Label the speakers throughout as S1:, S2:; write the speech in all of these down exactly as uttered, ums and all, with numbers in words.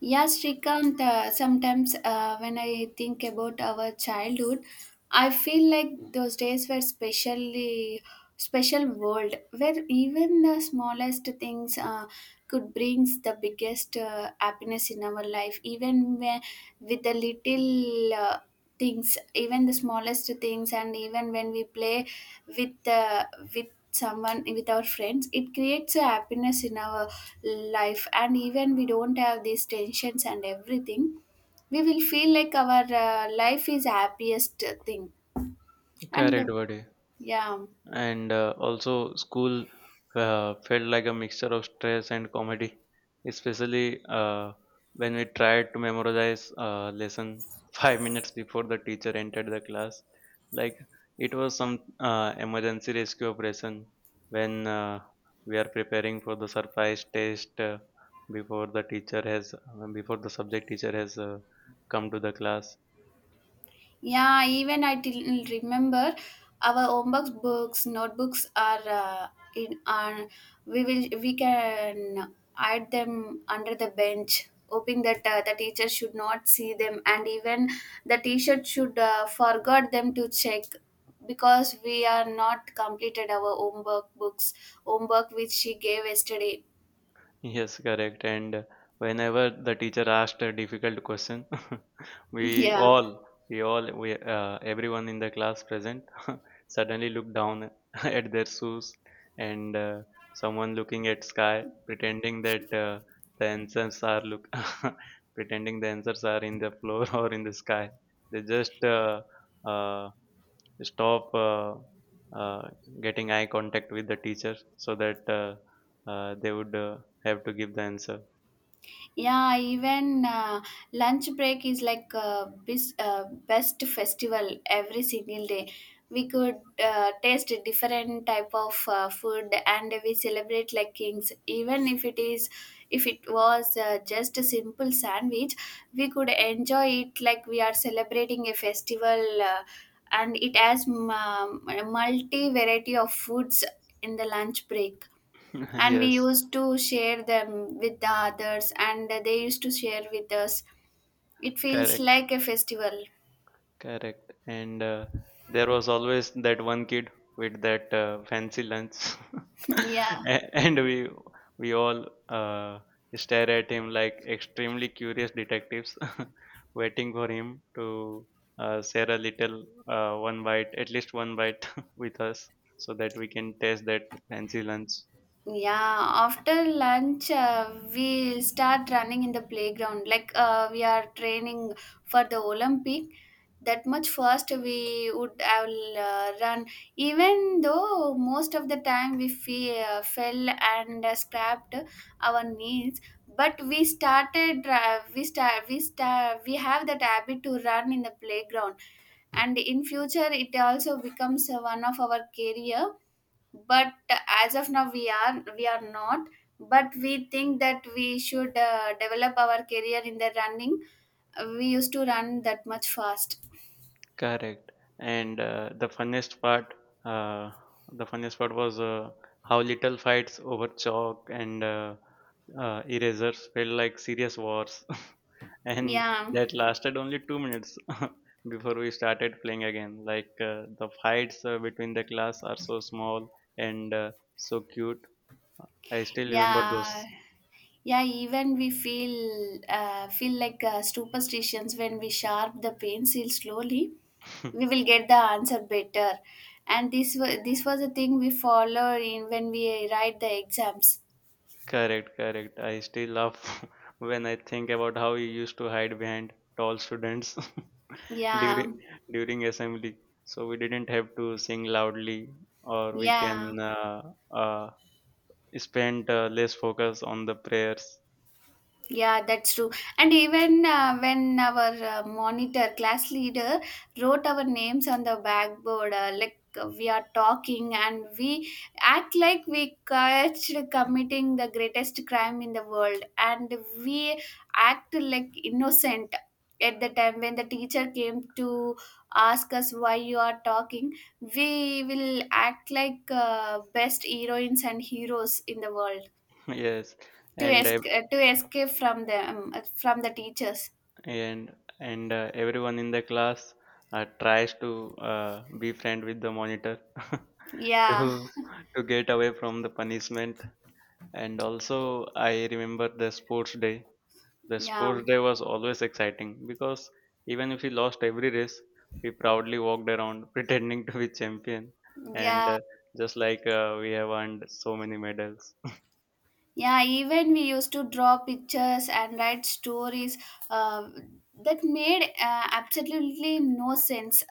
S1: Yes, Shrikant, uh, sometimes uh, when I think about our childhood, I feel like those days were specially special world where even the smallest things uh, could brings the biggest uh, happiness in our life even whe- with the little uh, things, even the smallest things, and even when we play with uh, with someone, with our friends, it creates a happiness in our life. And even we don't have these tensions and everything, we will feel like our uh, life is happiest thing, and uh,
S2: Correct, buddy.
S1: yeah.
S2: and uh, also school uh, felt like a mixture of stress and comedy, especially uh, when we tried to memorize uh, lesson five minutes before the teacher entered the class. Like it was some uh, emergency rescue operation when uh, we are preparing for the surprise test uh, before the teacher has before the subject teacher has uh, come to the class.
S1: Yeah, even I till remember our homework books, notebooks are uh, in are we will we can hide them under the bench, hoping that uh, the teacher should not see them, and even the teacher should uh, forgot them to check because we are not completed our homework books homework which she gave yesterday.
S2: Yes, correct. And whenever the teacher asked a difficult question, we
S1: Yeah.
S2: all, we all, we uh, everyone in the class present, suddenly looked down at their shoes, and uh, someone looking at sky, pretending that uh, the answers are look, pretending the answers are in the floor or in the sky. They just uh, uh, stop uh, uh, getting eye contact with the teacher so that uh, uh, they would uh, have to give the answer.
S1: Yeah, even uh, lunch break is like uh, bis- uh, best festival every single day. We could uh, taste a different type of uh, food, and we celebrate like kings. Even if it is, If it was uh, just a simple sandwich, we could enjoy it like we are celebrating a festival, uh, and it has m- um, multi variety of foods in the lunch break, and we
S2: Yes,
S1: used to share them with the others and they used to share with us. It feels
S2: correct.
S1: like a festival.
S2: Correct. And uh, there was always that one kid with that uh, fancy lunch,
S1: Yeah.
S2: A- and we we all uh, stare at him like extremely curious detectives, waiting for him to uh, share a little uh, one bite, at least one bite, with us, so that we can taste that fancy lunch.
S1: Yeah, after lunch, uh, we start running in the playground. Like uh, we are training for the Olympic. That much fast we would have uh, run. Even though most of the time we fe- uh, fell and uh, scrapped our knees, but we started. Uh, we start. We start. We have that habit to run in the playground, and in future it also becomes uh, one of our career. But as of now we are we are not, but we think that we should uh, develop our career in the running. We used to run that much fast.
S2: Correct. And uh, the funniest part, uh, the funniest part was uh, how little fights over chalk and uh, uh, erasers felt like serious wars, and
S1: Yeah.
S2: that lasted only two minutes before we started playing again. Like uh, the fights uh, between the class are so small and uh, so cute. I still remember
S1: yeah
S2: those.
S1: yeah even we feel uh, feel like uh, superstitions, when we sharp the pencil slowly, we will get the answer better. And this was this was a thing we follow in when we write the exams.
S2: Correct, correct. I still laugh when I think about how we used to hide behind tall students.
S1: Yeah.
S2: during during assembly, so we didn't have to sing loudly, or we
S1: Yeah.
S2: can uh, uh, spend uh, less focus on the prayers.
S1: Yeah, that's true. And even uh, when our uh, monitor class leader wrote our names on the backboard, uh, like uh, we are talking and we act like we catched committing the greatest crime in the world, and we act like innocent at the time when the teacher came to ask us why you are talking. We will act like uh, best heroines and heroes in the world
S2: Yes.
S1: to
S2: and
S1: es
S2: ev-
S1: uh, to escape from the um, uh, from the teachers.
S2: and and uh, everyone in the class uh, tries to uh, be friend with the monitor to
S1: Yeah.
S2: to get away from the punishment. And also, I remember the sports day. The
S1: yeah
S2: sports day was always exciting because even if we lost every race, we proudly walked around pretending to be champion, and
S1: yeah
S2: uh, just like uh, we have earned so many medals.
S1: yeah even we used to draw pictures and write stories uh, that made uh, absolutely no sense,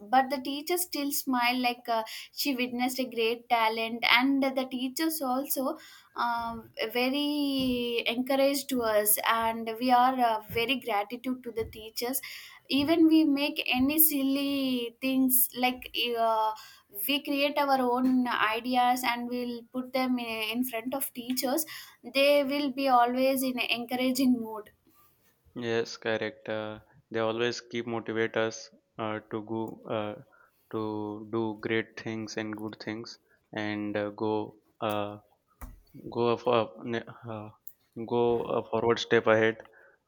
S1: but the teacher still smiled like uh, she witnessed a great talent. And the teachers also, uh, very encouraged to us, and we are uh, very gratitude to the teachers. Even we make any silly things, like uh, we create our own ideas and we'll put them in, in front of teachers, they will be always in encouraging mood.
S2: Yes, correct. Uh, they always keep motivate us uh, to go uh, to do great things and good things and uh, go uh, go a for uh, go a forward step ahead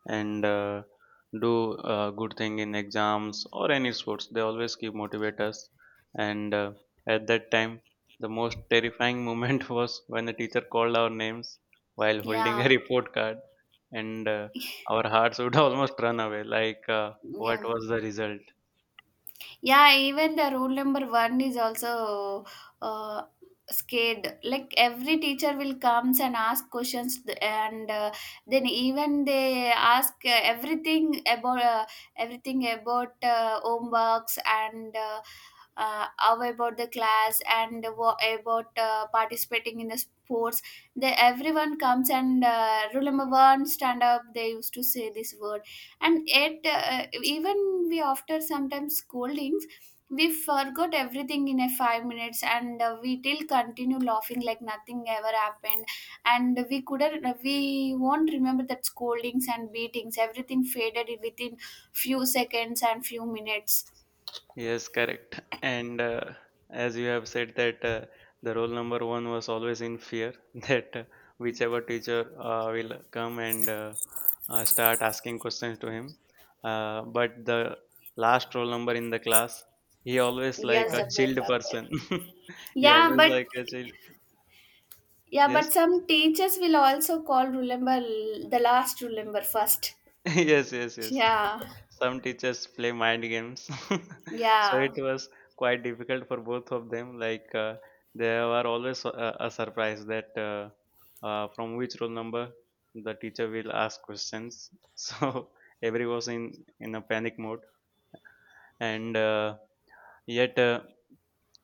S2: and uh, do a good thing in exams or any sports. They always keep motivate us, and uh, at that time, the most terrifying moment was when the teacher called our names while holding
S1: Yeah.
S2: a report card, and uh, our hearts would almost run away, like uh,
S1: Yeah.
S2: what was the result.
S1: Yeah, even the rule number one is also uh, scared. Like every teacher will comes and ask questions, th- and uh, then even they ask uh, everything about uh, everything about uh, homeworks. And. Uh, uh, how about the class, and wha- about uh, participating in the sports. They everyone comes and uh, rule number one stand up, they used to say this word. And yet uh, even we after sometimes scoldings, we forgot everything in a five minutes, and uh, we till continue laughing like nothing ever happened. And we couldn't we won't remember that scoldings and beatings, everything faded within few seconds and few minutes.
S2: Yes, correct. And uh, as you have said that uh, the role number one was always in fear that uh, whichever teacher uh, will come and uh, uh, start asking questions to him. Uh, but the last role number in the class, he always like
S1: Yes.
S2: a
S1: Right.
S2: chilled
S1: Zafar.
S2: person. He
S1: Yeah,
S2: always
S1: but
S2: like a chill.
S1: yeah but
S2: Yes.
S1: some teachers will also call, remember the last, remember first.
S2: yes yes yes
S1: Yeah.
S2: Some teachers play mind games, so
S1: Yeah.
S2: it was quite difficult for both of them. Like uh, they were always uh, a surprise that uh, uh, from which roll number the teacher will ask questions. So everyone was in in a panic mode, and uh, yet uh,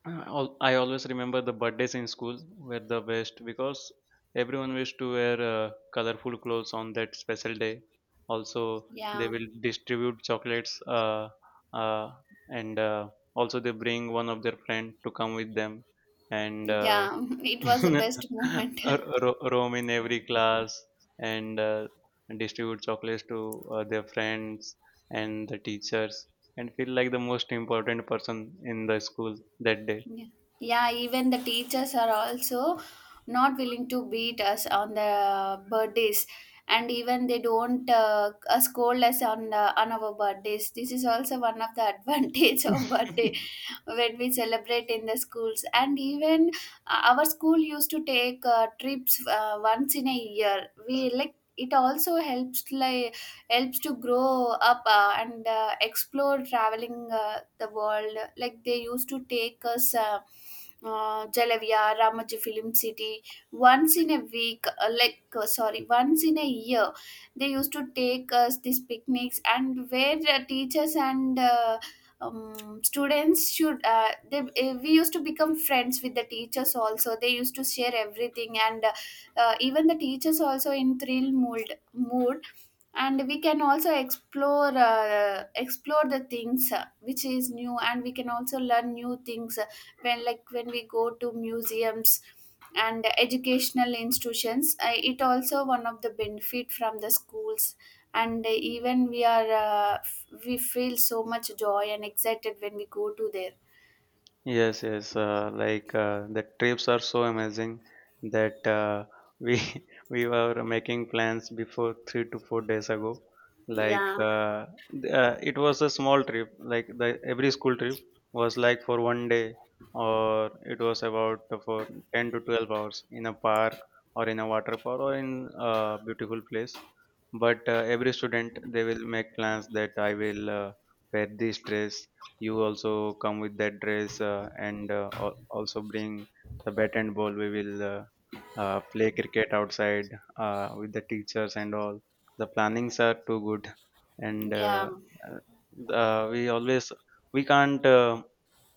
S2: I al- I always remember the birthdays in school were the best, because everyone wished to wear uh, colorful clothes on that special day. Also, they
S1: Yeah.
S2: will distribute chocolates uh, uh, and uh, also they bring one of their friend to come with them, and uh,
S1: Yeah, it was the
S2: ro-
S1: best moment.
S2: roam in every class and uh, distribute chocolates to uh, their friends and the teachers, and feel like the most important person in the school that day.
S1: Yeah. Yeah, even the teachers are also not willing to beat us on the birthdays, and even they don't uh, uh, scold us on uh, on our birthdays. This is also one of the advantage of birthday when we celebrate in the schools. And even uh, our school used to take uh, trips uh, once in a year. We like It also helps, like helps to grow up uh, and uh, explore traveling uh, the world, like they used to take us uh, uh, Jalavia, Ramoji Film City, once in a week, uh, like uh, sorry, once in a year, they used to take us these picnics. And where uh, teachers and uh, um, students should uh, they uh, we used to become friends with the teachers also. They used to share everything, and uh, uh, even the teachers also in thrill mood mood, and we can also explore uh, explore the things uh, which is new, and we can also learn new things uh, when, like when we go to museums and educational institutions, uh, it also one of the benefit from the schools. And even we are uh, f- we feel so much joy and excited when we go to there.
S2: Yes, yes. Uh, like uh, the trips are so amazing that uh, we we were making plans before three to four days ago. Like
S1: Yeah.
S2: uh, th- uh, it was a small trip. Like the every school trip was like for one day, or it was about for ten to twelve hours in a park, or in a water park, or in a beautiful place. But uh, every student, they will make plans that I will uh, wear this dress, you also come with that dress, uh, and uh, al- also bring the bat and ball. We will uh, uh, play cricket outside uh, with the teachers and all. The plannings are too good, and
S1: Yeah.
S2: uh, uh, uh, we always we can't uh,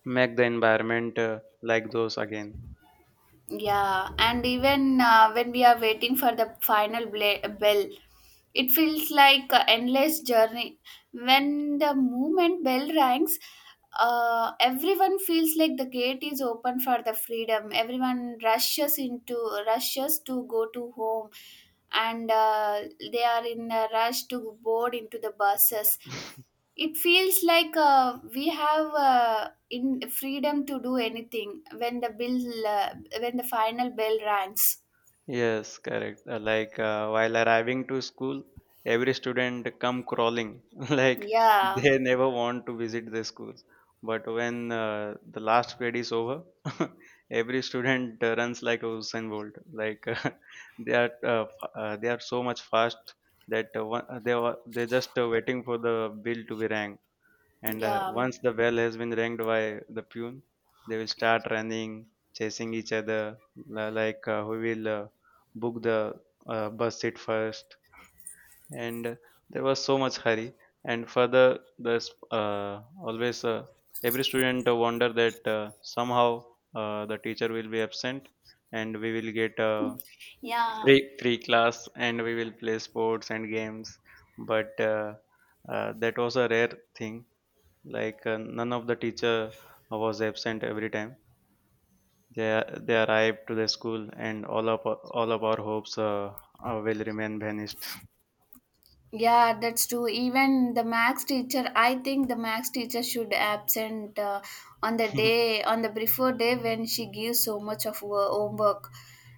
S2: make the environment uh, like those again.
S1: Yeah, and even uh, when we are waiting for the final bla- bell, it feels like an endless journey. When the moment bell rings, uh, everyone feels like the gate is open for the freedom. Everyone rushes into rushes to go to home, and uh, they are in a rush to board into the buses. It feels like uh, we have uh, in freedom to do anything when the bill uh, when the final bell rings.
S2: Yes, correct. Uh, Like uh, while arriving to school, every student come crawling, like
S1: Yeah.
S2: they never want to visit the school. But when uh, the last period is over, every student uh, runs like a Usain Bolt. Like uh, they are uh, f- uh, they are so much fast that uh, one, uh, they were they just uh, waiting for the bell to be rang, and uh,
S1: Yeah.
S2: once the bell has been rang by the pune, they will start running, chasing each other, li- like uh, who will uh, book the uh, bus seat first. And there was so much hurry, and further, there's uh, always uh, every student uh, wonder that uh, somehow uh, the teacher will be absent and we will get a
S1: Yeah.
S2: free free class and we will play sports and games. But uh, uh, that was a rare thing. Like uh, none of the teacher was absent. Every time they they arrived to the school, and all of our- all of our hopes uh, uh, will remain vanished.
S1: Yeah, that's true. Even the max teacher, I think the max teacher should absent uh, on the day, on the before day when she gives so much of wo- homework.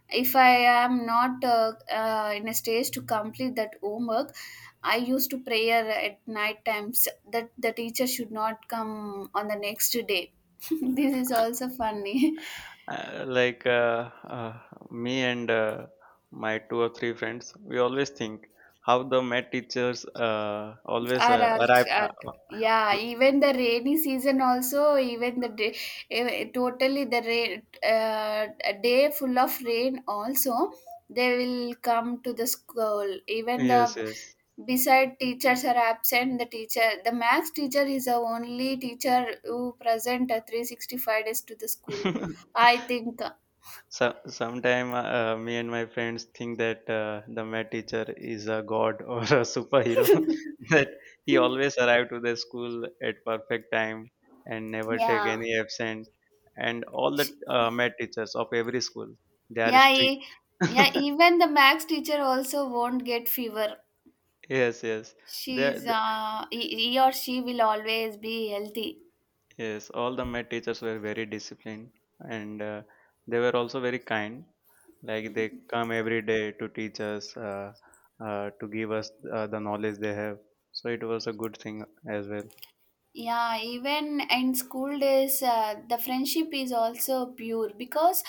S1: If I am not uh, uh, in a stage to complete that homework, I used to prayer at night times that the teacher should not come on the next day. This is also funny.
S2: Uh, like uh, uh, Me and uh, my two or three friends, we always think how the math teachers uh, always
S1: Are
S2: uh, arrive.
S1: also
S2: Uh,
S1: are.
S2: uh,
S1: Yeah, even the rainy season, also even the day eh, totally the rain uh, a day full of rain also, they will come to the school. Even the
S2: yes yes
S1: beside teachers are absent, the teacher the max teacher is the only teacher who present at three sixty-five days to the school, I think.
S2: So, sometime uh, uh, me and my friends think that uh, the math teacher is a god or a superhero. That he always arrived to the school at perfect time and never take
S1: Yeah.
S2: any absent. And all the
S1: Sh-
S2: uh, math teachers of every school, they are
S1: yeah e- yeah
S2: strict.
S1: even the max teacher also won't get fever.
S2: Yes, yes. They
S1: She's uh, he, he or she will always be healthy.
S2: Yes, all the my teachers were very disciplined, and uh, they were also very kind. Like they come every day to teach us, uh, uh, to give us uh, the knowledge they have. So it was a good thing as well.
S1: Yeah, even in school days, uh, the friendship is also pure, because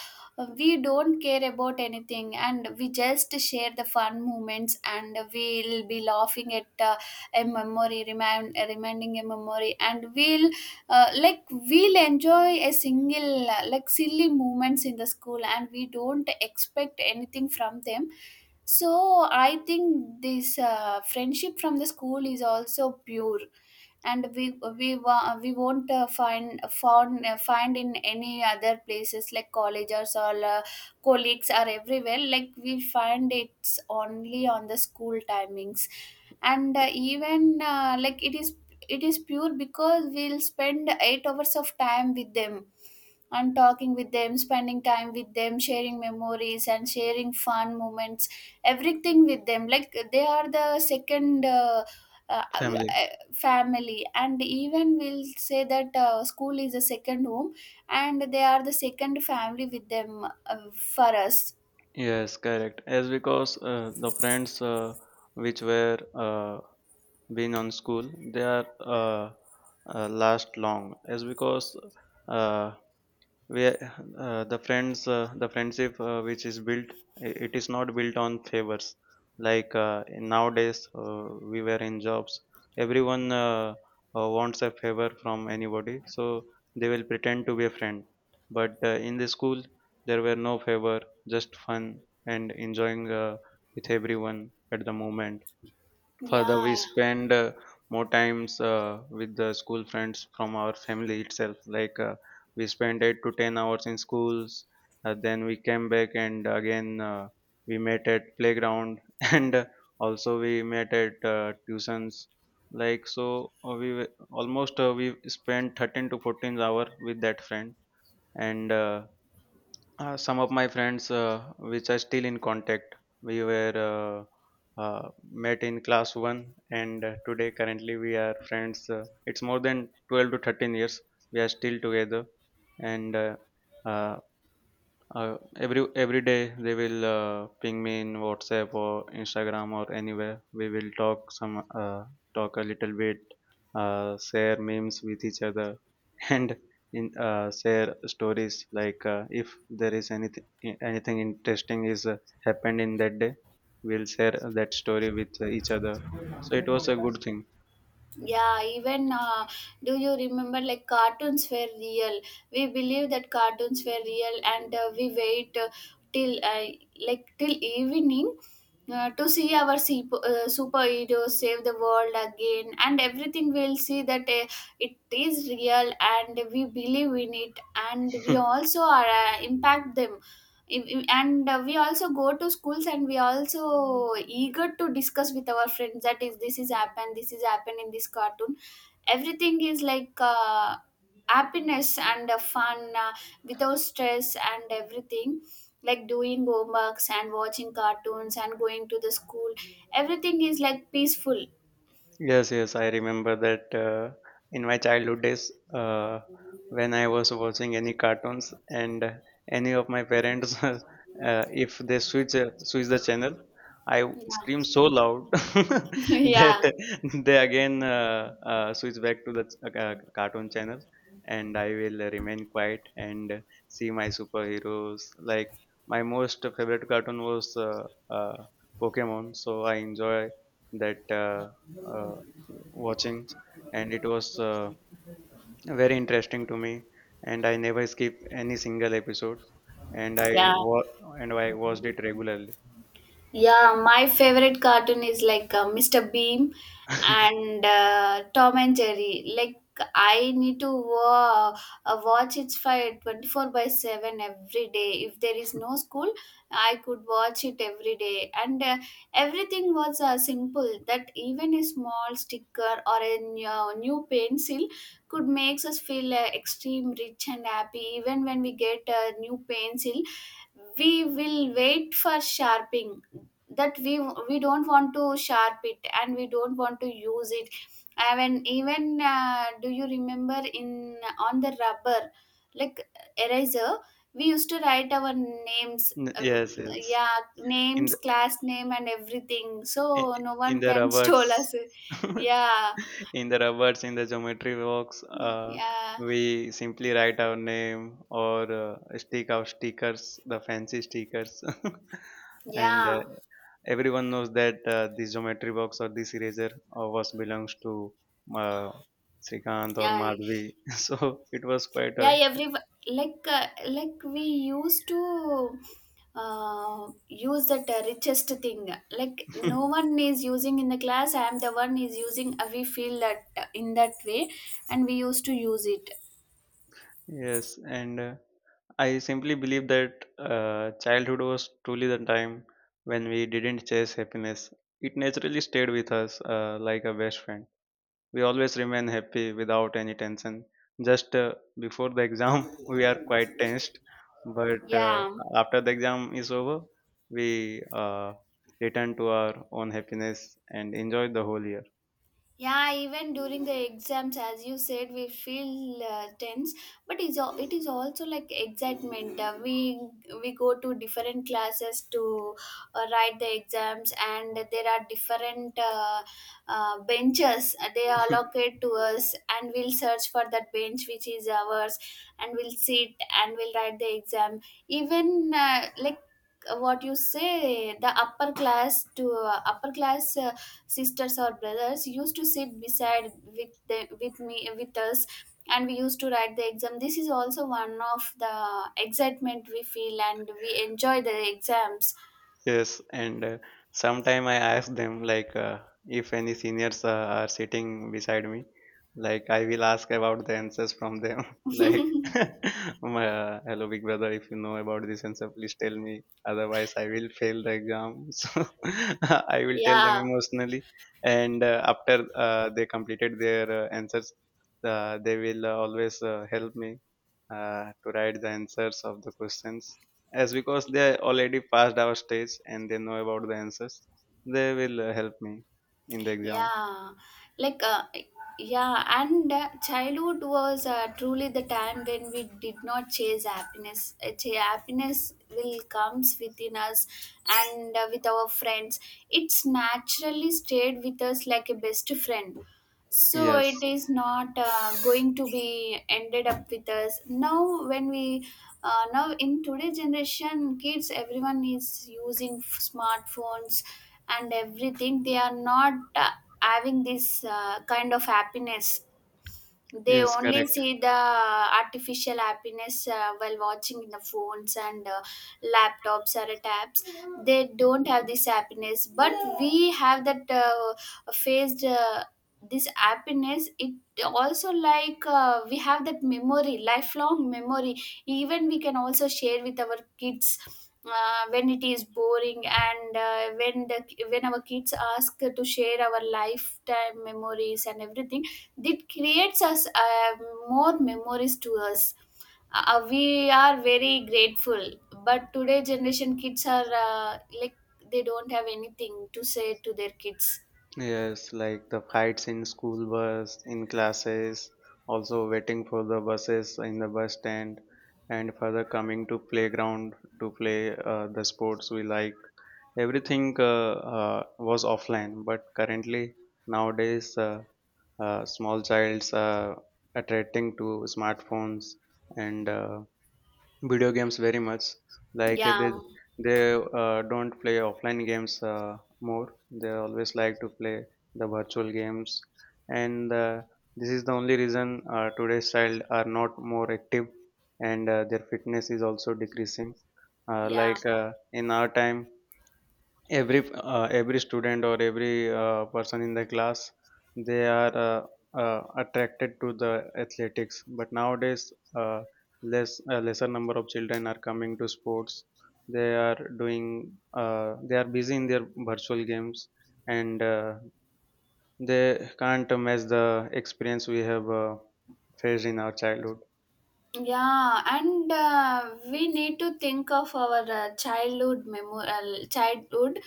S1: we don't care about anything and we just share the fun moments, and we'll be laughing at uh, a memory, remind, reminding a memory, and we'll uh, like we'll enjoy a single uh, like silly moments in the school, and we don't expect anything from them. So I think this uh, friendship from the school is also pure, and we we wa- we won't uh, find found uh, find in any other places like colleges or uh, colleagues are everywhere, like we find it's only on the school timings. And uh, even uh, like it is it is pure because we'll spend eight hours of time with them, and talking with them, spending time with them, sharing memories and sharing fun moments, everything with them. Like they are the second uh, uh,
S2: Family.
S1: family, and even we'll say that uh, school is a second home and they are the second family with them uh, for us.
S2: Yes, correct. As because uh, the friends uh, which were uh, been on school, they are uh, uh, last long. As because uh, where uh, the friends uh, the friendship uh, which is built, i- it is not built on favors, like uh, in nowadays uh, we were in jobs. Everyone uh, uh, wants a favor from anybody, so they will pretend to be a friend. But uh, in the school, there were no favor, just fun and enjoying uh, with everyone at the moment. Further,
S1: Yeah.
S2: we spend uh, more times uh, with the school friends from our family itself. Like uh, we spent eight to ten hours in schools. Uh, then we came back, and again uh, we met at playground, and uh, also we met at uh, tuitions. Like so, uh, we were- almost uh, we spent thirteen to fourteen hour with that friend and. Uh, uh, some of my friends, uh, which are still in contact, we were uh, uh, met in class one, and uh, today currently we are friends. Uh, it's more than twelve to thirteen years. We are still together, and uh, uh, uh, every every day they will uh, ping me in WhatsApp or Instagram or anywhere. We will talk some uh, talk a little bit, uh, share memes with each other, and in uh, share stories. Like uh, if there is anything anything interesting is uh, happened in that day, we'll share that story with each other. So it was a good thing.
S1: Yeah, even uh, do you remember like cartoons were real? We believe that cartoons were real, and uh, we wait uh, till uh, like till evening uh, to see our sup- uh, superheroes save the world again. And everything we'll see that uh, it is real, and we believe in it, and we also are uh, impact them. Ev- ev- and uh, we also go to schools and we also eager to discuss with our friends that is this is happened, this is happened in this cartoon. Everything is like uh, happiness and uh, fun uh, without stress and everything, like doing homeworks and watching cartoons and going to the school, everything is like peaceful.
S2: Yes, yes, I remember that uh, in my childhood days, uh, when I was watching any cartoons, and uh, any of my parents, uh, if they switch uh, switch the channel, I w- scream
S1: Yeah.
S2: so loud,
S1: Yeah.
S2: that they again uh, uh, switch back to the ch- uh, ca- cartoon channel, and I will remain quiet and see my superheroes. Like my most favorite cartoon was uh, uh, Pokemon, so I enjoy that. Uh, uh, Watching, and it was uh, very interesting to me, and I never skip any single episode and I
S1: Yeah.
S2: wa- and I watched it regularly.
S1: Yeah, my favorite cartoon is like uh, mister Beam
S2: N-
S1: and uh, Tom and Jerry. Like I need to wa- uh, watch it for twenty-four by seven every day. If there is no school, I could watch it every day. And uh, everything was uh, simple that even a small sticker or a new, uh, new pencil could makes us feel uh, extreme rich and happy. Even when we get a new pencil, we will wait for sharpening, that we we don't want to sharp it and we don't want to use it. I mean, even uh, do you remember in on the rubber, like, eraser, we used to write our names, uh,
S2: yes, yes.
S1: yeah,
S2: In
S1: names,
S2: the
S1: class name and everything,
S2: in,
S1: so no
S2: in
S1: one
S2: the
S1: can stole
S2: robots.
S1: us. Yeah,
S2: In the robots, in the geometry box, uh,
S1: yeah,
S2: we simply write our name or uh, stick our stickers, the fancy stickers, and
S1: yeah,
S2: uh, everyone knows that uh, the geometry box or this eraser uh, was belongs to uh, Srikanth or
S1: yeah,
S2: Madhvi. So it was quite
S1: yeah,
S2: a
S1: every, like uh, like we used to uh, use that uh, richest thing, like no one is using in the class, I am the one is using, uh, we feel that uh, in that way, and we used to use it.
S2: yes, and uh, I simply believe that uh, childhood was truly the time when we didn't chase happiness. It naturally stayed with us uh, like a best friend. We always remain happy without any tension. Just uh, Before the exam, we are quite tensed, but uh,
S1: Yeah,
S2: after the exam is over, we uh, return to our own happiness and enjoy the whole year.
S1: yeah, even during the exams, as you said, we feel uh, tense, but it's al- it is also like excitement. Uh, we we go to different classes to uh, write the exams, and there are different uh, uh, benches. Uh, They allocate to us, and we'll search for that bench which is ours, and we'll sit and we'll write the exam. Even uh, like uh, what you say, the upper class to uh, upper class, Uh, sisters or brothers used to sit beside with the, with me, with us, and we used to write the exam. This is also one of the excitement we feel, and we enjoy the exams.
S2: Yes, and uh, sometime I ask them like uh, if any seniors uh, are sitting beside me, like I will ask about the answers from them. Like, my, uh, hello, big brother, if you know about this answer, please tell me. Otherwise, I will fail the exam. So I will tell them
S1: Yeah,
S2: emotionally, and uh, after uh, they completed their uh, answers, uh, they will uh, always uh, help me uh, to write the answers of the questions, as because they already passed our stage and they know about the answers. They will uh, help me in the exam.
S1: yeah, like uh, yeah, and uh, childhood was uh, truly the time when we did not chase happiness. Uh, ch- happiness will comes within us and uh, with our friends. It's naturally stayed with us like a best friend. So
S2: Yes,
S1: it is not uh, going to be ended up with us now when we uh, now in today's generation kids, everyone is using f- smartphones, and everything, they are not uh, having this uh, kind of happiness. They
S2: yes,
S1: only
S2: correct.
S1: see the artificial happiness uh, while watching in the phones and uh, laptops or tabs. They don't have this happiness, but we have that uh, phased, uh, this happiness. It also like uh, we have that memory, lifelong memory. Even we can also share with our kids uh, when it is boring, and uh, when the when our kids ask to share our lifetime memories and everything, that creates us uh, more memories to us. Uh, we are very grateful, but today generation kids are uh, like, they don't have anything to say to their kids.
S2: Yes, like the fights in school bus, in classes, also waiting for the buses in the bus stand, and further coming to playground to play uh, the sports we like. Everything uh, uh, was offline, but currently, nowadays uh, uh, small childs uh, attracting to smartphones and uh, video games very much. like uh, they
S1: Yeah,
S2: they uh, don't play offline games uh, more. They always like to play the virtual games, and uh, this is the only reason uh, today's child are not more active, and uh, their fitness is also decreasing. uh,
S1: yeah,
S2: like uh, in our time every uh, every student or every uh, person in the class, they are uh, uh, attracted to the athletics. But nowadays uh, less a lesser number of children are coming to sports. They are doing uh, they are busy in their virtual games, and uh, they can't match the experience we have uh, faced in our childhood.
S1: Yeah, and uh, we need to think of our uh, childhood memo- uh, childhood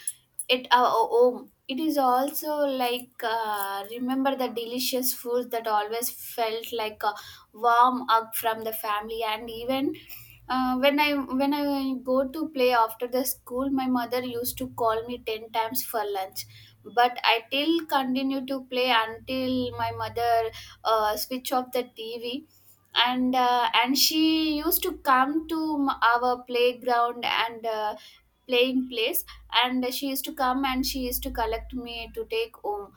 S1: at our home. It is also like uh, remember the delicious food that always felt like a warm hug from the family, and even uh, when I when I go to play after the school, my mother used to call me ten times for lunch, but I till continue to play until my mother uh, switch off the T V, and uh, and she used to come to m- our playground and uh, playing place, and she used to come and she used to collect me to take home.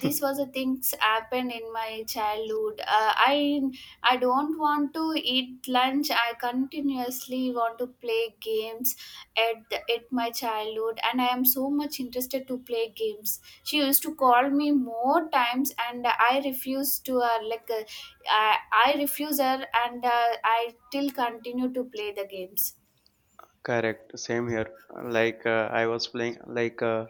S1: This was the things happened in my childhood. uh, i i don't want to eat lunch, I continuously want to play games at the, at my childhood, and I am so much interested to play games. She used to call me more times, and I refused to her, like uh, I, I refuse her, and uh, I still continue to play the games.
S2: Correct, same here. Like uh, I was playing, like uh,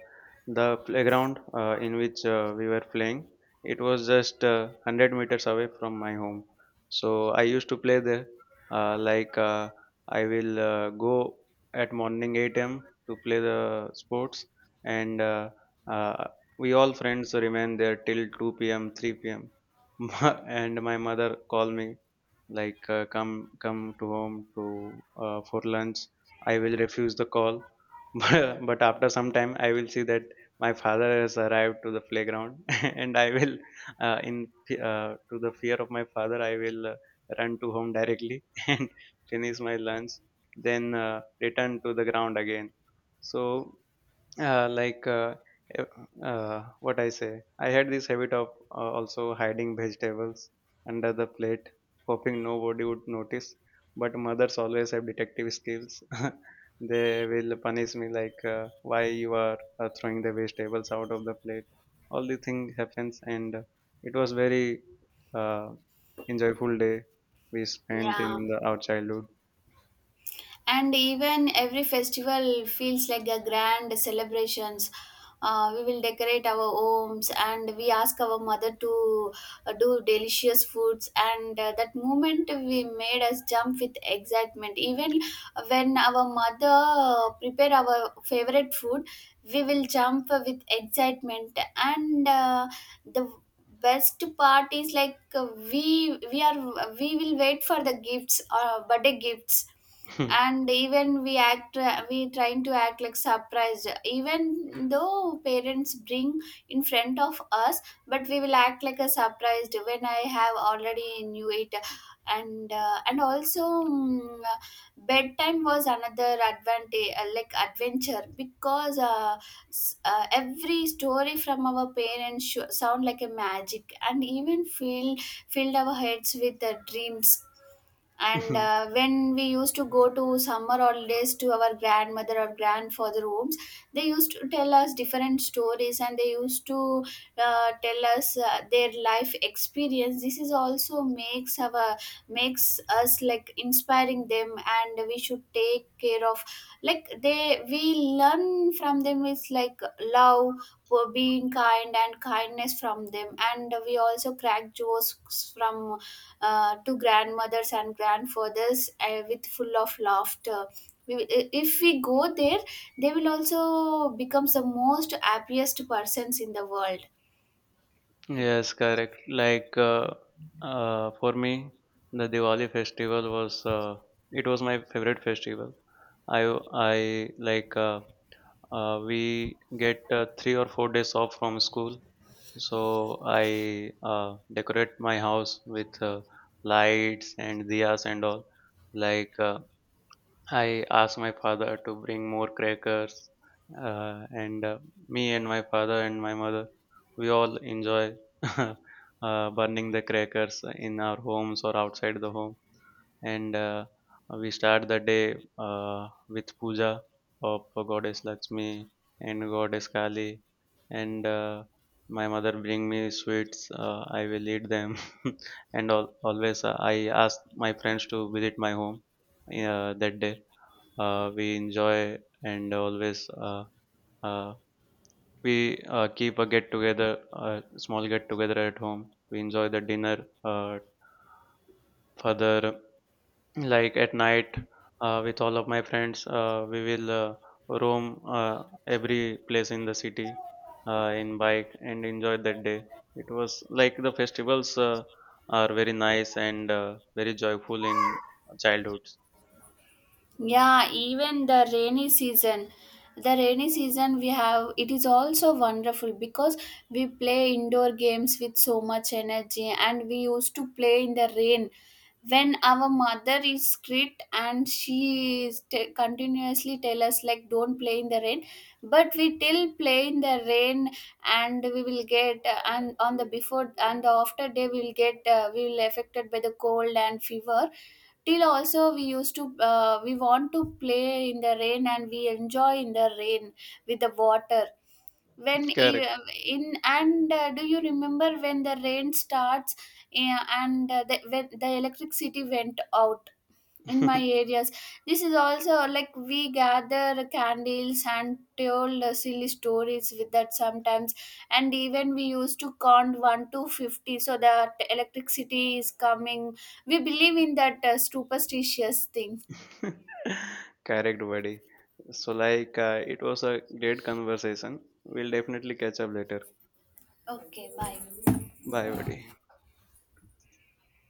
S2: the playground uh, in which uh, we were playing, it was just uh, one hundred meters away from my home. So I used to play there. Uh, like uh, I will uh, go at morning eight a m to play the sports, and uh, uh, we all friends remain there till two p m, three p m And my mother called me like uh, come come to home to uh, for lunch. I will refuse the call. but, but after some time I will see that my father has arrived to the playground. And I will uh, in fe- uh, to the fear of my father, I will uh, run to home directly. And finish my lunch then uh, return to the ground again. So uh, like uh, uh, uh, what I say, I had this habit of uh, also hiding vegetables under the plate, hoping nobody would notice. But mothers always have detective skills. They will punish me like uh, why you are uh, throwing the vegetables out of the plate. All the thing happens, and uh, it was very uh, enjoyable day we spent in
S1: Yeah,
S2: the our childhood.
S1: and even every festival feels like a grand celebrations. Uh, we will decorate our homes, and we ask our mother to uh, do delicious foods, and uh, that moment we made us jump with excitement. Even when our mother uh, prepare our favorite food, we will jump with excitement, and uh, the best part is like uh, we we are we will wait for the gifts, uh, birthday gifts, and even we act, we trying to act like surprised, even though parents bring in front of us, but we will act like a surprised when I have already knew it. And uh, and also mm, bedtime was another advantage uh, like adventure because uh, s- uh, every story from our parents sh- sound like a magic, and even fill filled our heads with the dreams. And uh, When we used to go to summer holidays to our grandmother or grandfather homes, they used to tell us different stories, and they used to uh, tell us uh, their life experience. This is also makes our makes us like inspiring them, and we should take care of like they, we learn from them. It's like love for being kind, and kindness from them. And we also crack jokes from uh, to grandmothers and grandfathers uh, with full of laughter. We- If we go there, they will also become the most happiest persons in the world.
S2: Yes, correct. Like uh, uh, for me, the Diwali festival was uh, it was my favorite festival. I I like uh, uh, we get uh, three or four days off from school, so I uh, decorate my house with uh, lights and diyas and all. Like uh, I asked my father to bring more crackers, uh, and uh, me and my father and my mother, we all enjoy uh, burning the crackers in our homes or outside the home. And uh, we start the day uh, with puja of Goddess Lakshmi and Goddess Kali. And uh, my mother bring me sweets. Uh, I will eat them. And al- always uh, I ask my friends to visit my home uh, that day. Uh, we enjoy. And always uh, uh, we uh, keep a get together, a small get together at home. We enjoy the dinner. Uh, further, like at night, uh, with all of my friends, uh, we will uh, roam uh, every place in the city, uh, in bike, and enjoy that day. It was like the festivals uh, are very nice and uh, very joyful in childhoods.
S1: Yeah, even the rainy season. The rainy season we have, it is also wonderful because we play indoor games with so much energy, and we used to play in the rain. When our mother is strict and she is t- continuously tell us like, don't play in the rain, but we till play in the rain, and we will get uh, and on the before and the after day we will get uh, we will affected by the cold and fever. Till also we used to uh, we want to play in the rain, and we enjoy in the rain with the water when e-
S2: Correct.
S1: in and uh, do you remember when the rain starts uh, and uh, the, when the electricity went out in my areas? This is also like we gather candles and told uh, silly stories with that sometimes, and even we used to count one to fifty so that electricity is coming. We believe in that uh, superstitious thing.
S2: Correct, buddy. So, like, uh, it was a great conversation. We'll definitely catch up later.
S1: Okay, bye.
S2: Bye, buddy.